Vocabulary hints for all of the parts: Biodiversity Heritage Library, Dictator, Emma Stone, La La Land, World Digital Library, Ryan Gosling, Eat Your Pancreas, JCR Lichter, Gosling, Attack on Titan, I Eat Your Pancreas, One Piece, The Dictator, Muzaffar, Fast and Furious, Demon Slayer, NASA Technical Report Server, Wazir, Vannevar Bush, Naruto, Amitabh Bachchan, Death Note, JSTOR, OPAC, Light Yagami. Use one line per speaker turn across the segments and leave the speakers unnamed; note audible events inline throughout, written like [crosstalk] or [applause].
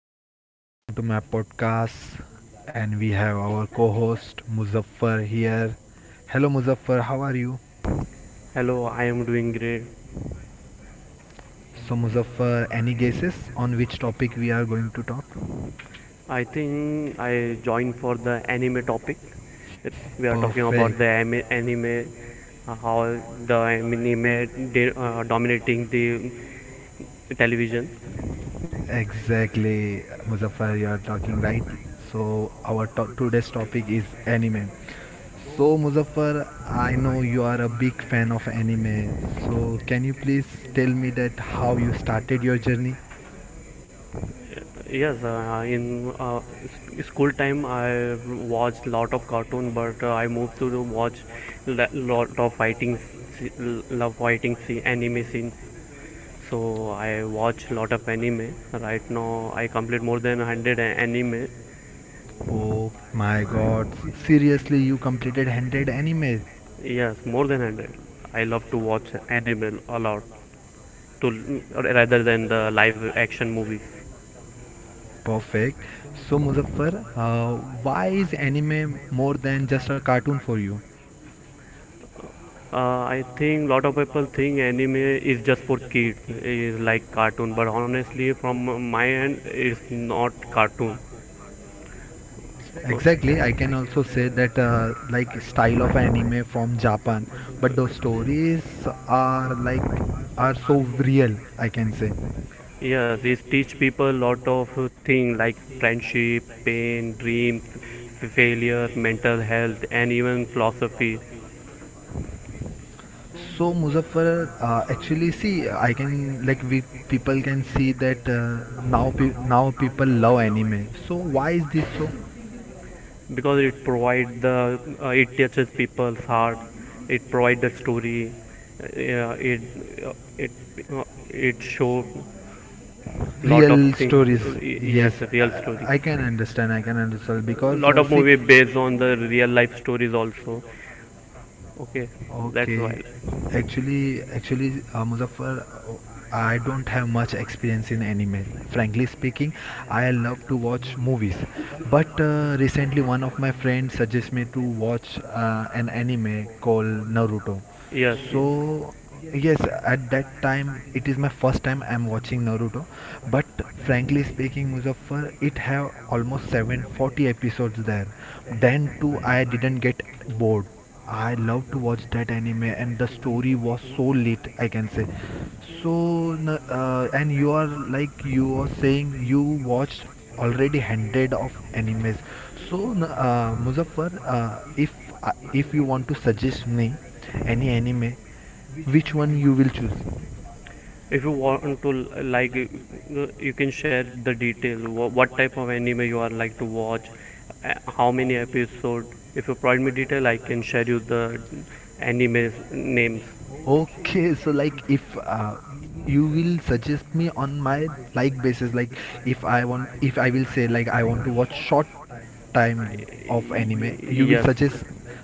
guys, welcome to my podcast. And we have our co host Muzaffar here. Hello, Muzaffar, how are you?
Hello, I am doing great.
So, Muzaffar, any guesses on which topic we are going to talk?
I think I joined for the anime topic. We are talking about
Perfect.
the anime, how the anime dominating the television.
Exactly, Muzaffar, you are talking right. So, our today's topic is anime. So, Muzaffar, I know you are a big fan of anime. So, can you please tell me that how you started your journey?
Yes, in uh, school time I watched lot of cartoon, but I moved to watch lot of fighting, love fighting scene, anime scene. So I watch lot of anime. Right now I complete more than 100 anime.
Oh my god, seriously, you completed 100 anime.
Yes, more than 100. I love to watch anime a lot, to rather than the live action movies.
Perfect. So, Muzaffar, why is anime more than just a cartoon for you?
Uh, I think lot of people think anime is just for kids, is like cartoon. But honestly, from my end, it's not cartoon.
Exactly, I can also say that like style of anime from Japan, but those stories are like are so real, I can say.
Yes, it teach people lot of thing like friendship, pain, dreams, failure, mental health, and even philosophy.
So Muzaffar, actually, see, I can like we people can see that now now people love anime. So why is this so?
Because it provide it touches people's heart. It provide the story. Yeah, uh, it uh, it show lot of
Real stories,
things, yes,
yes,
real stories.
I can understand. I can understand because
Lot of
see.
movie based on the real life stories also. Okay,
Okay.
that's why.
Actually, Muzaffar, I don't have much experience in anime. Frankly speaking, I love to watch movies, but recently one of my friends suggested me to watch an anime called Naruto.
Yes, yes,
So yes, at that time it is my first time I'm watching Naruto. But frankly speaking, Muzaffar, it have almost 740 episodes there. Then too, I didn't get bored. I love to watch that anime, and the story was so lit, I can say. So, and you are like you were saying you watched already hundred of animes. So, Muzaffar, if you want to suggest me any anime, which one you will choose?
if you want to like you can share the detail what type of anime you are like to watch, how many episode. If you provide me detail, I can share you the anime names.
Okay, so like if you will suggest me on my like basis, like if I want, if I will say like I want to watch short time of anime, you will
Yes,
suggest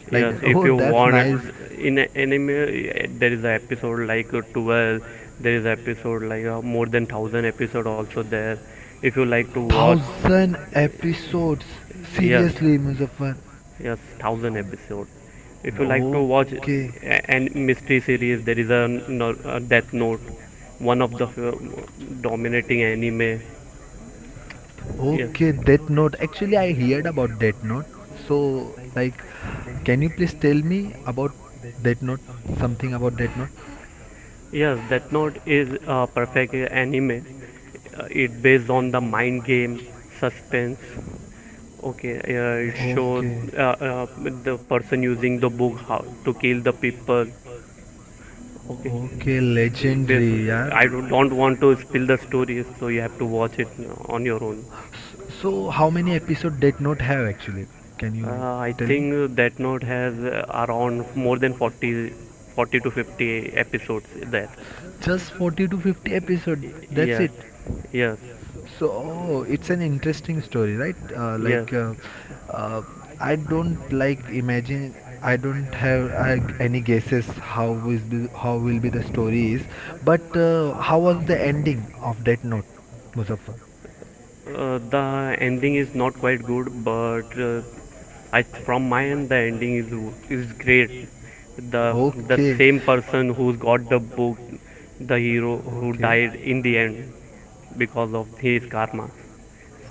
like
yes,
that.
if
Oh,
you
that's
want it
nice.
in anime, there is an episode like 12. There is episode like more than 1000 episode also there, if you like to watch.
Thousand episodes.
Yes,
Seriously, Muzaffar.
yes, 1000 episode, if you like to watch
Okay.
and mystery series. There is a, no- a Death Note, one of the dominating anime. Yes.
Okay, Death Note. Actually, I heard about Death Note. So, like, can you please tell me about Death Note? Something about Death Note?
Yes, Death Note is a perfect anime. It based on the mind game, suspense. Okay, it show
Okay.
the person using the book how to kill the people. Okay,
okay legendary यार
I don't want to spill the story, so you have to watch it on your own.
own. So, how many episode Death Note have actually? Can you
I think that Note has around more than 40 to 50 episodes there.
Just 40 to 50 episode. That's
Yes,
it.
yes,
So oh, it's an interesting story, right?
yes.
Uh, I don't like imagine. I don't have any guesses how is the, how will be the story is, but how was the ending of that note, Muzaffar?
The ending is not quite good, but I from my end the ending is great. The the
Okay,
same person who got the book, the hero who died
okay.
in the end because of his karma.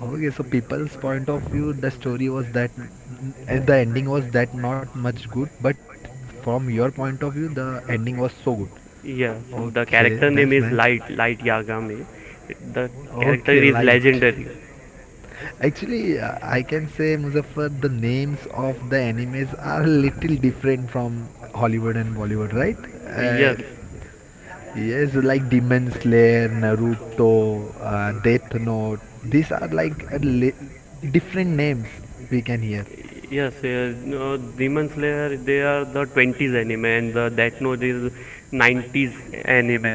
Okay, so people's point of view, the story was that and the ending was that not much good, but from your point of view, the ending was so good.
Yes, the character
Okay,
name
that's
is
nice.
Light Yagami. The character
Okay, he
is
is
legendary.
light. Actually, I can say Muzaffar, the names of the animes are little different from Hollywood and Bollywood, right? Uh,
Yes,
Yes, like Demon Slayer, Naruto, Death Note. These are like a li different names we can hear.
yes, no, Demon Slayer they are the 20s anime and the Death Note is 90s anime.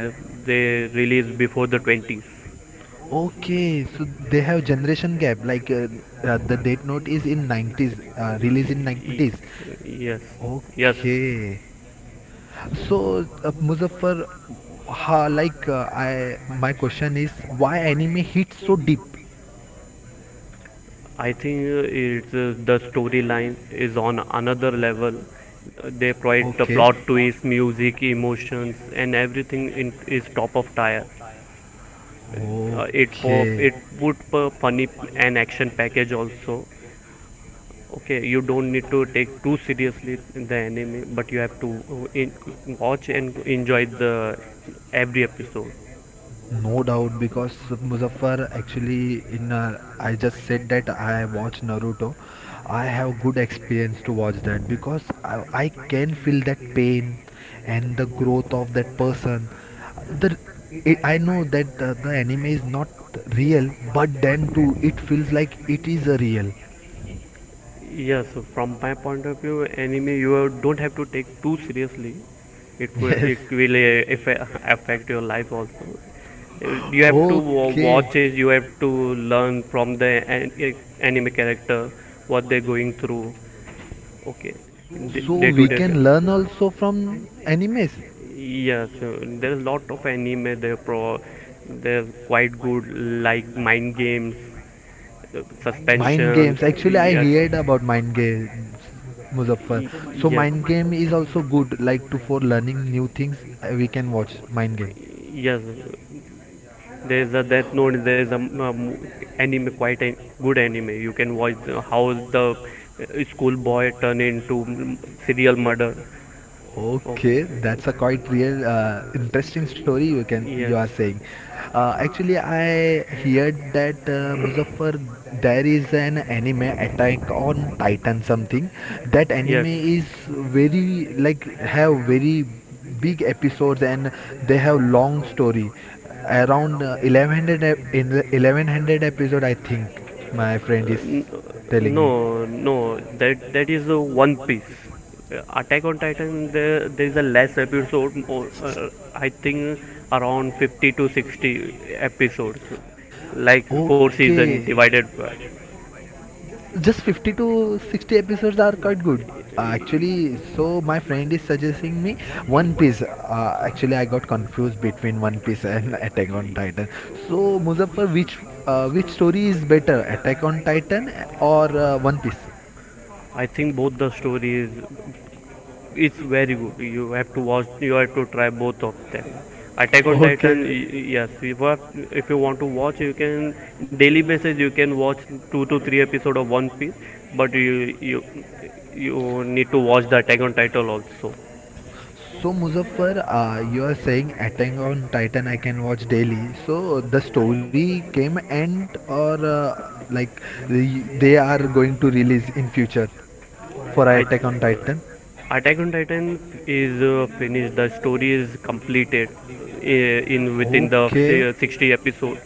They released before the 20s. Okay,
Okay, so they have generation gap. Like the Death Note is in
Demon Slayer is
nineties, released in nineties.
20s. Yes, yes. Okay,
Okay. So, Muzaffar, ha, like I, my question is, why anime hits so deep?
I think it's the storyline is on another level. They provide the plot twist, music, emotions, and everything is top of tier. It po-
Okay.
it would funny, an action package also. Okay, you don't need to take too seriously the anime, but you have to watch and enjoy the every episode.
No doubt, because Muzaffar actually in I just said that I watch Naruto. I have good experience to watch that because I can feel that pain and the growth of that person. The it, I know that the anime is not real, but then too it feels like it is a real.
Yes, so from my point of view, anime you don't have to take too seriously. it, wi-
[laughs] Yes.
it will affect your life also. Uh, you have to
Okay.
watch it. You have to learn from the an- anime character what they're going through. Okay,
So
day to
we
day.
can learn also from animes.
Yes, there is lot of anime. They are quite good, like mind games,
Mind
suspensions.
games. Actually, I
Yes.
heard about mind games, Muzaffar. So
Y-
mind game is also good, like to for learning new things. We can watch mind game.
yes, yes, there is a Death Note. There is a anime, quite a good anime. You can watch how the school boy turn into serial murder.
Okay,
Okay.
that's a quite real interesting story you can you
Yes.
are saying. Actually, I heard that Muzaffar there is an anime Attack on Titan something. That anime
Yes.
is very like have very big episodes and they have long story around 1100 in 1100 episode I think my friend is
n-
telling me
no, no, that is a One Piece. Attack on Titan, there is a less episode, I think around 50 to 60 episodes like four season divided
just 50 to 60 episodes are quite good actually so my friend is suggesting me one piece actually I got confused between one piece and [laughs] attack on titan so Muzaffar which story is better attack on titan or one piece.
by. I think both the stories it's very good. You have to watch. You have to try both of them. Attack on Titan, yes. If you want to watch, you can daily basis. You can watch two to three episode of One Piece, but you need to watch the Attack on Titan also.
So Muzaffar, you are saying Attack on Titan I can watch daily. So the story came end or like they are going to release in future for Attack on Titan?
I uh, is finished. The story is completed uh, in within
Okay,
60 episode,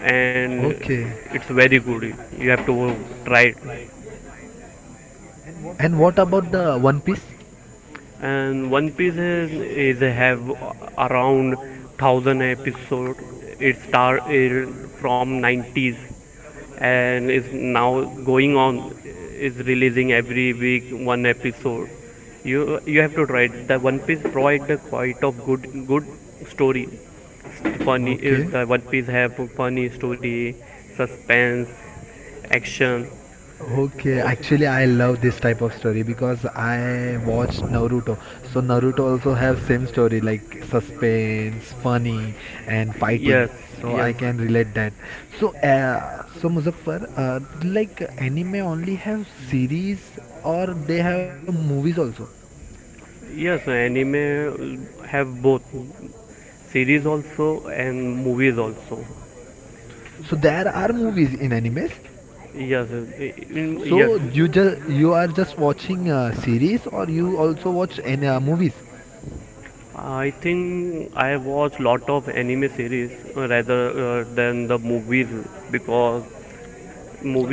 and
okay.
it's very good. You have to try it.
And what about the One Piece?
And One Piece is have around 1000 episode. It started from 90s and is now going on, is releasing every week one episode. You have to try it. The One Piece provide the quite of good story. Funny,
Okay.
the One Piece have funny story, suspense, action.
Okay,
Oh,
actually I love this type of story because I watched Naruto. So Naruto also have same story like suspense, funny and fighting.
yes,
So I
yes,
yes. can relate that. So so Muzaffar, like anime only have series or they have movies also.
yes. Anime have both series also and movies also.
So there are movies in animes.
Yes, so yes.
So you just you are just watching series or you also watch any movies?
I think I watch lot of anime series, rather than the movies, because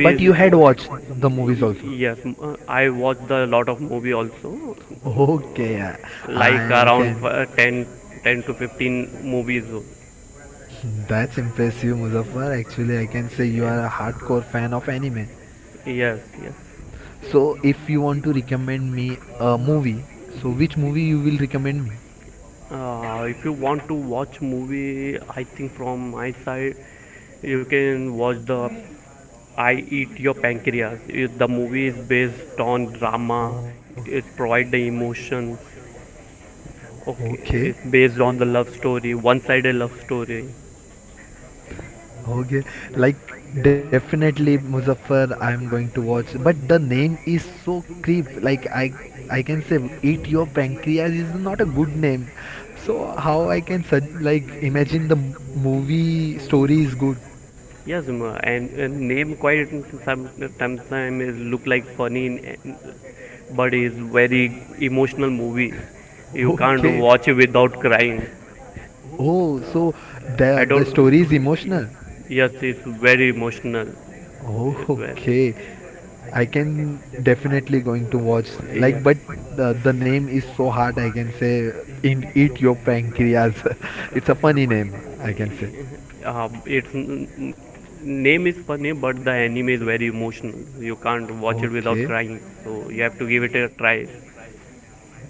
But you had watched the movies also. [laughs]
yes, I watch the lot of movie also,
Okay,
like
I
around
can.
10 ten to 15 movies.
[laughs] That's impressive, Muzaffar. Actually, I can say you
Yes,
are a hardcore fan of anime.
yes, yes.
So if you want to recommend me a movie, so which movie you will recommend me?
If you want to watch movie, I think from my side you can watch the I Eat Your Pancreas. The movie is based on drama.
Oh,
It provide the emotion. Okay,
okay.
it's based on the love story, one-sided love story.
Okay, like definitely Muzaffar, I'm going to watch. But the name is so creep. Like I can say eat your pancreas is not a good name. So how I can like imagine the movie story is good?
Yes, ma. And name quite some sometimes is look like funny, but is very emotional movie. You can't
[laughs] Okay.
watch it without crying.
Oh,
Uh,
so
I
the
don't.
story is
Yes,
emotional.
yes, it's very emotional.
Oh,
Where,
Okay, I can definitely going to watch like,
yeah.
but the name is so hard. I can say in eat your pancreas. [laughs] It's a funny name. I can say.
Name. Its name is funny, but the anime is very emotional. You can't watch it without
Okay.
crying, so you have to give it a try.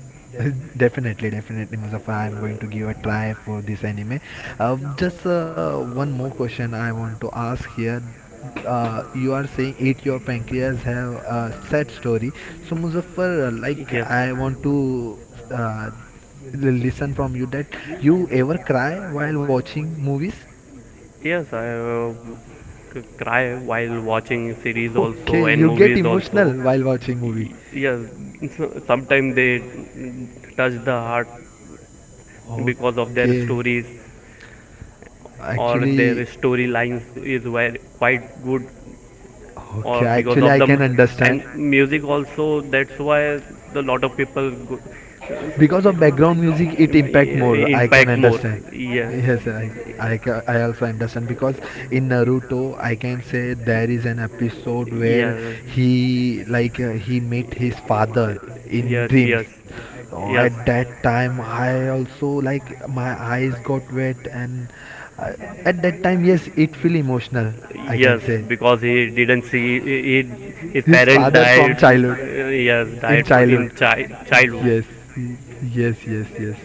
[laughs] Definitely, definitely, Muzaffar. I'm going to give a try for this anime. Just one more question I want to ask here. You are saying eat your pancreas have a sad story. So Muzaffar, like
Yes.
I want to uh, listen from you that you ever cry while watching movies?
Yes, I cry while watching series
[laughs]
also
Okay,
and
you get
movies also.
emotional while watching movie.
Yes, sometimes they touch the heart because of their
Okay.
stories, or their
Actually,
storylines is very, quite
well,
good,
okay,
or because
actually,
of
I
them
can Okay. understand
and music also. That's why the
the
lot of
lot of
people
people because of background music it impact more I can impact more.
impact more.
Understand I
Yes.
yes
Yes.
I also understand because in naruto I can say there is an episode where he like he met his father in
Yes,
dreams.
yes.
Yes, so at
Yes.
that yes, time I also like my eyes got wet and uh, at that time yes it feel emotional I
Yes,
can yes.
because
say
he didn't see his
his
parent
father from
died.
childhood.
Yes,
In
died for in
childhood.
childhood.
Yes. Yes, yes, yes.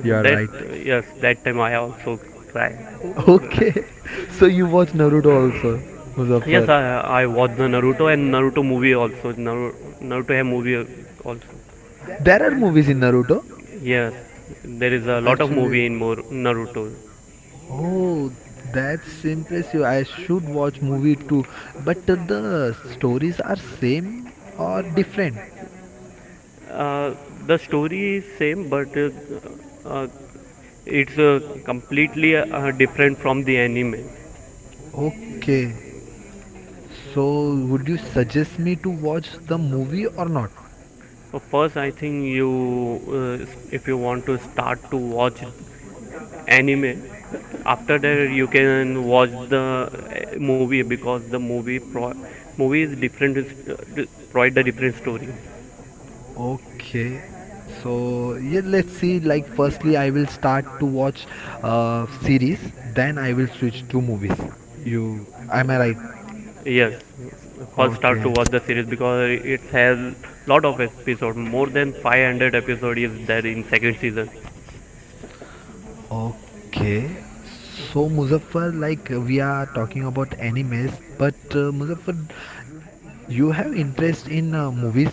You are
That
right.
Yes, that time I also cried.
Okay. So you watch Naruto also,
Yes, I,
Muzaffar.
I watched the Naruto and Naruto movie also. Naruto have movie also.
There are movies in Naruto.
Yes, there is a lot of
Actually.
movie in more Naruto.
Oh, that's impressive. I should watch movie too. But the stories are same or different?
Uh, the story is same, but uh, it's completely different from the anime.
Okay. So, would you suggest me to watch the movie or not?
So first, I think uh, if you want to start to watch anime, after that you can watch the movie, because the movie movie is different, provide the different story.
Okay. So, yeah, let's see. Like, firstly, I will start to watch series, then I will switch to movies. You, am I right?
Yes, first start to
Okay.
watch the series, because it has lot of episode, more than 500 episode is there in second season.
Okay. So, Muzaffar, like, we are talking about animes, but Muzaffar, you have interest in movies also?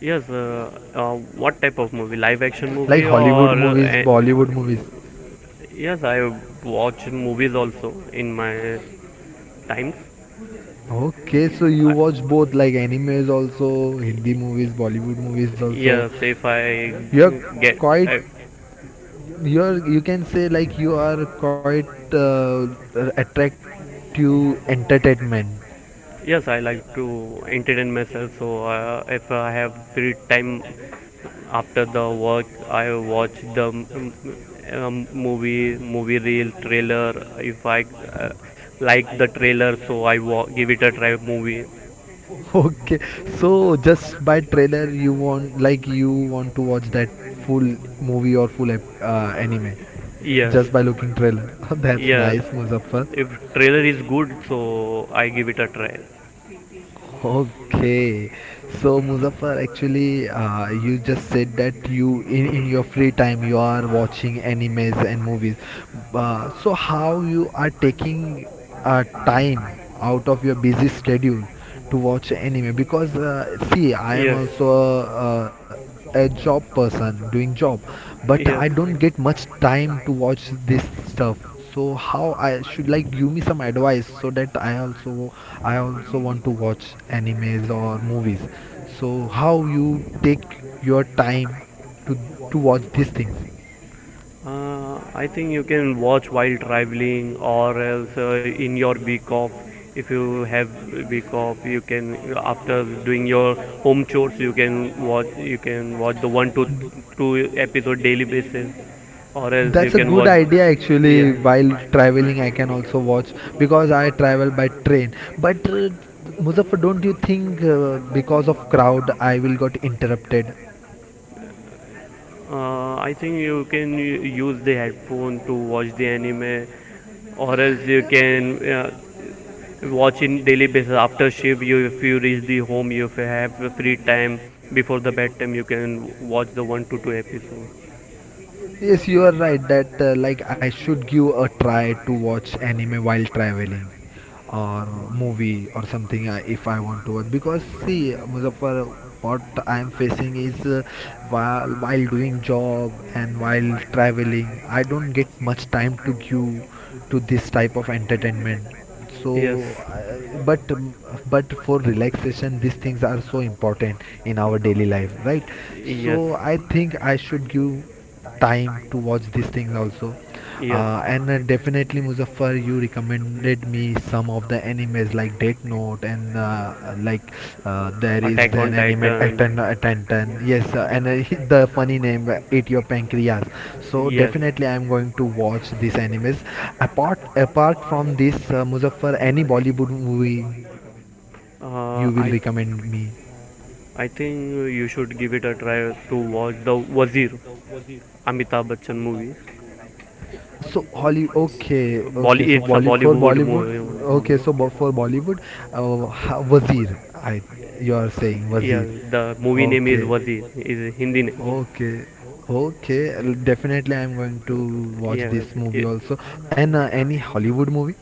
Yes, what type of movie? Live action
Like
movie, or
Hollywood movies, Bollywood movies.
yes, I watch movies also in my times.
Okay, so you watch both like animes also, Hindi movies, Bollywood movies also.
Yes, if I
You're
get,
quite,
I,
you're you can say like you are quite uh, attract to entertainment. [laughs]
yes, I like to entertain myself. So if I have free time after the work, I watch the movie reel, trailer. If I uh, like the trailer, so I give it a try. Movie,
Okay, so just by trailer you want like you want to watch that full movie or full anime
yes,
just by looking trailer. [laughs] That's
yes.
nice, Muzaffar.
If trailer is good, so I give it a try.
Okay, so Muzaffar, actually, you just said that you in your free time you are watching animes and movies. So how you are taking time out of your busy schedule to watch anime? Because see, I am also a job person doing job but I don't get much time to watch this stuff so how I should like give me some advice so that I also want to watch animes or movies so how you take your time to to watch these things.
I think you can watch while traveling, or else in your week off. If you have week off, you can after doing your home chores, you can watch the one to two episode daily basis, or else you
That's a
can
good
watch. Good
idea
idea. Yeah.
actually while
If
traveling I can also watch because I travel by train but muzaffar don't you think because of crowd I will got interrupted.
I think you can use the headphone to watch the anime, or else you can watching daily basis after shift. You If you reach the home, you if you have a free time before the bedtime, you can watch the one to two episode.
Yes, you are right that like I should give a try to watch anime while traveling or movie or something if I want to watch because see Muzaffar what I am facing is while while doing job and while traveling I don't get much time to give to this type of entertainment so
Yes,
but but for relaxation these things are so important in our daily life right
yes,
so I think I should give time to watch these things also
yes.
and definitely muzaffar you recommended me some of the animes like death note and like there is
Attack
an
on
anime
Titan.
attent attentan yes and [laughs] the funny name eat your pancreas so
Yes,
definitely I am going to watch these animes apart apart from this muzaffar any bollywood movie you will recommend me.
uh, i I think you should give it a try to watch the Wazir Amitabh Bachchan movies.
So Holly, okay, okay. So Bolly
It's a
Bollywood, for
Bollywood
Bollywood,
movie.
okay. So for Bollywood, Wazir, I you are saying
Yes,
Wazir,
the movie name is
okay,
Wazir. Is Hindi name.
okay, okay. I'll- Definitely, I'm going to watch
Yes,
this Yes, movie also. And any Hollywood movie?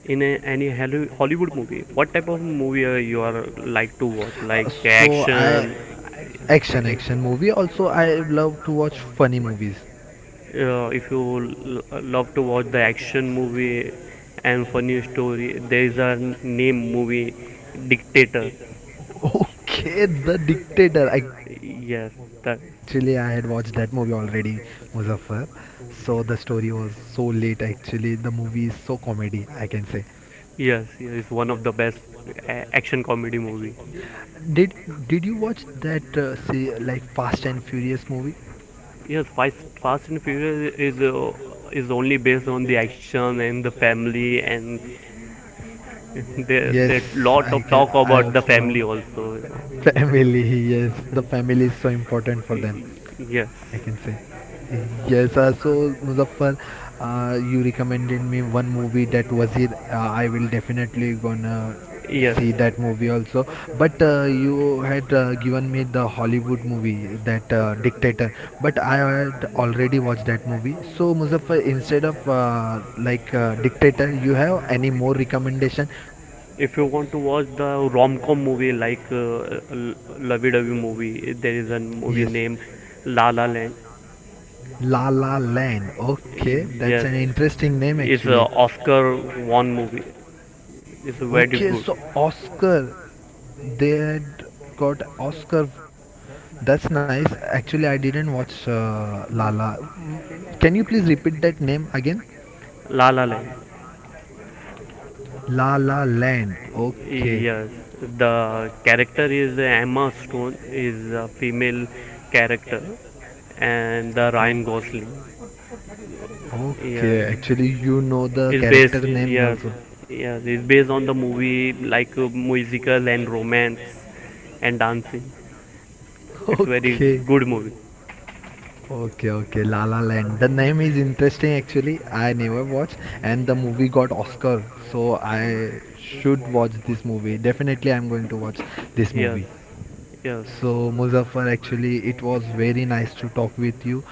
in any Hollywood movie, what type of movie you are like to watch?
Uh, like
Like
so I action.
action.
Action action movie. Also, I love to watch funny movies.
If you love to watch the action movie and funny story, there is a name movie, Dictator.
Okay, The Dictator. Actually, I had
Yes,
watched that
that
movie already, Muzaffar. So the story was so late. Actually, the movie is so comedy. I can say.
yes, yeah, it's one of the best action comedy movie.
Did Did you watch that say like Fast and Furious movie?
Yes, Fast and Furious is only based on the action and the family, and [laughs] there
Yes,
there lot
I
of
can.
talk
I
about the
also know.
family
Family.
also.
[laughs] Yes, the family is so important for
Y-
them.
y- Yes,
I can say. Yes, so Muzaffar, you recommended me one movie that was it. I will definitely gonna
yes.
see that movie also. But you had given me the Hollywood movie that Dictator, but I had already watched that movie. So Muzaffar, instead of Dictator, you have any more recommendation.
If you want to watch the rom-com movie like lovey-dovey movie, there is a
A
movie
Yes.
named La La Land.
La La Land. Okay, that's
Yes,
an interesting name
it's a
actually.
Oscar-won movie. It's
Like,
very
Okay,
good.
so Oscar, they had got Oscar. That's nice. Actually, I didn't watch La La. Can you please repeat that name again?
La La Land.
La La Land. Okay.
Yes, the character is Emma Stone is a female character, and the Ryan Gosling.
Gosling. Okay.
Yes,
Actually, you know the is
is
character
based.
based name
Yes, yes, is based on the movie like musical and romance and
[laughs]
dancing.
Yeah.
It's very
Okay.
good movie.
Okay, okay, La La Land. The name is interesting actually. I never watched, and the movie got Oscar, so I should watch this movie. Definitely, I'm going to watch this
Yes,
movie.
yes.
So, Muzaffar, actually, it was very nice to talk with you.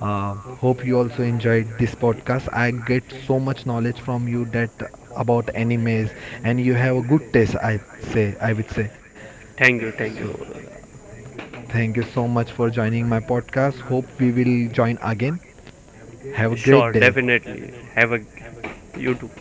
Hope you also enjoyed this podcast. I get so much knowledge from you that about animes, and you have a good taste. I say, I would say.
Thank you,
So,
thank you.
thank you so much for joining my podcast. Hope we will join again. Have a great day.
Sure, definitely. Have a great you too.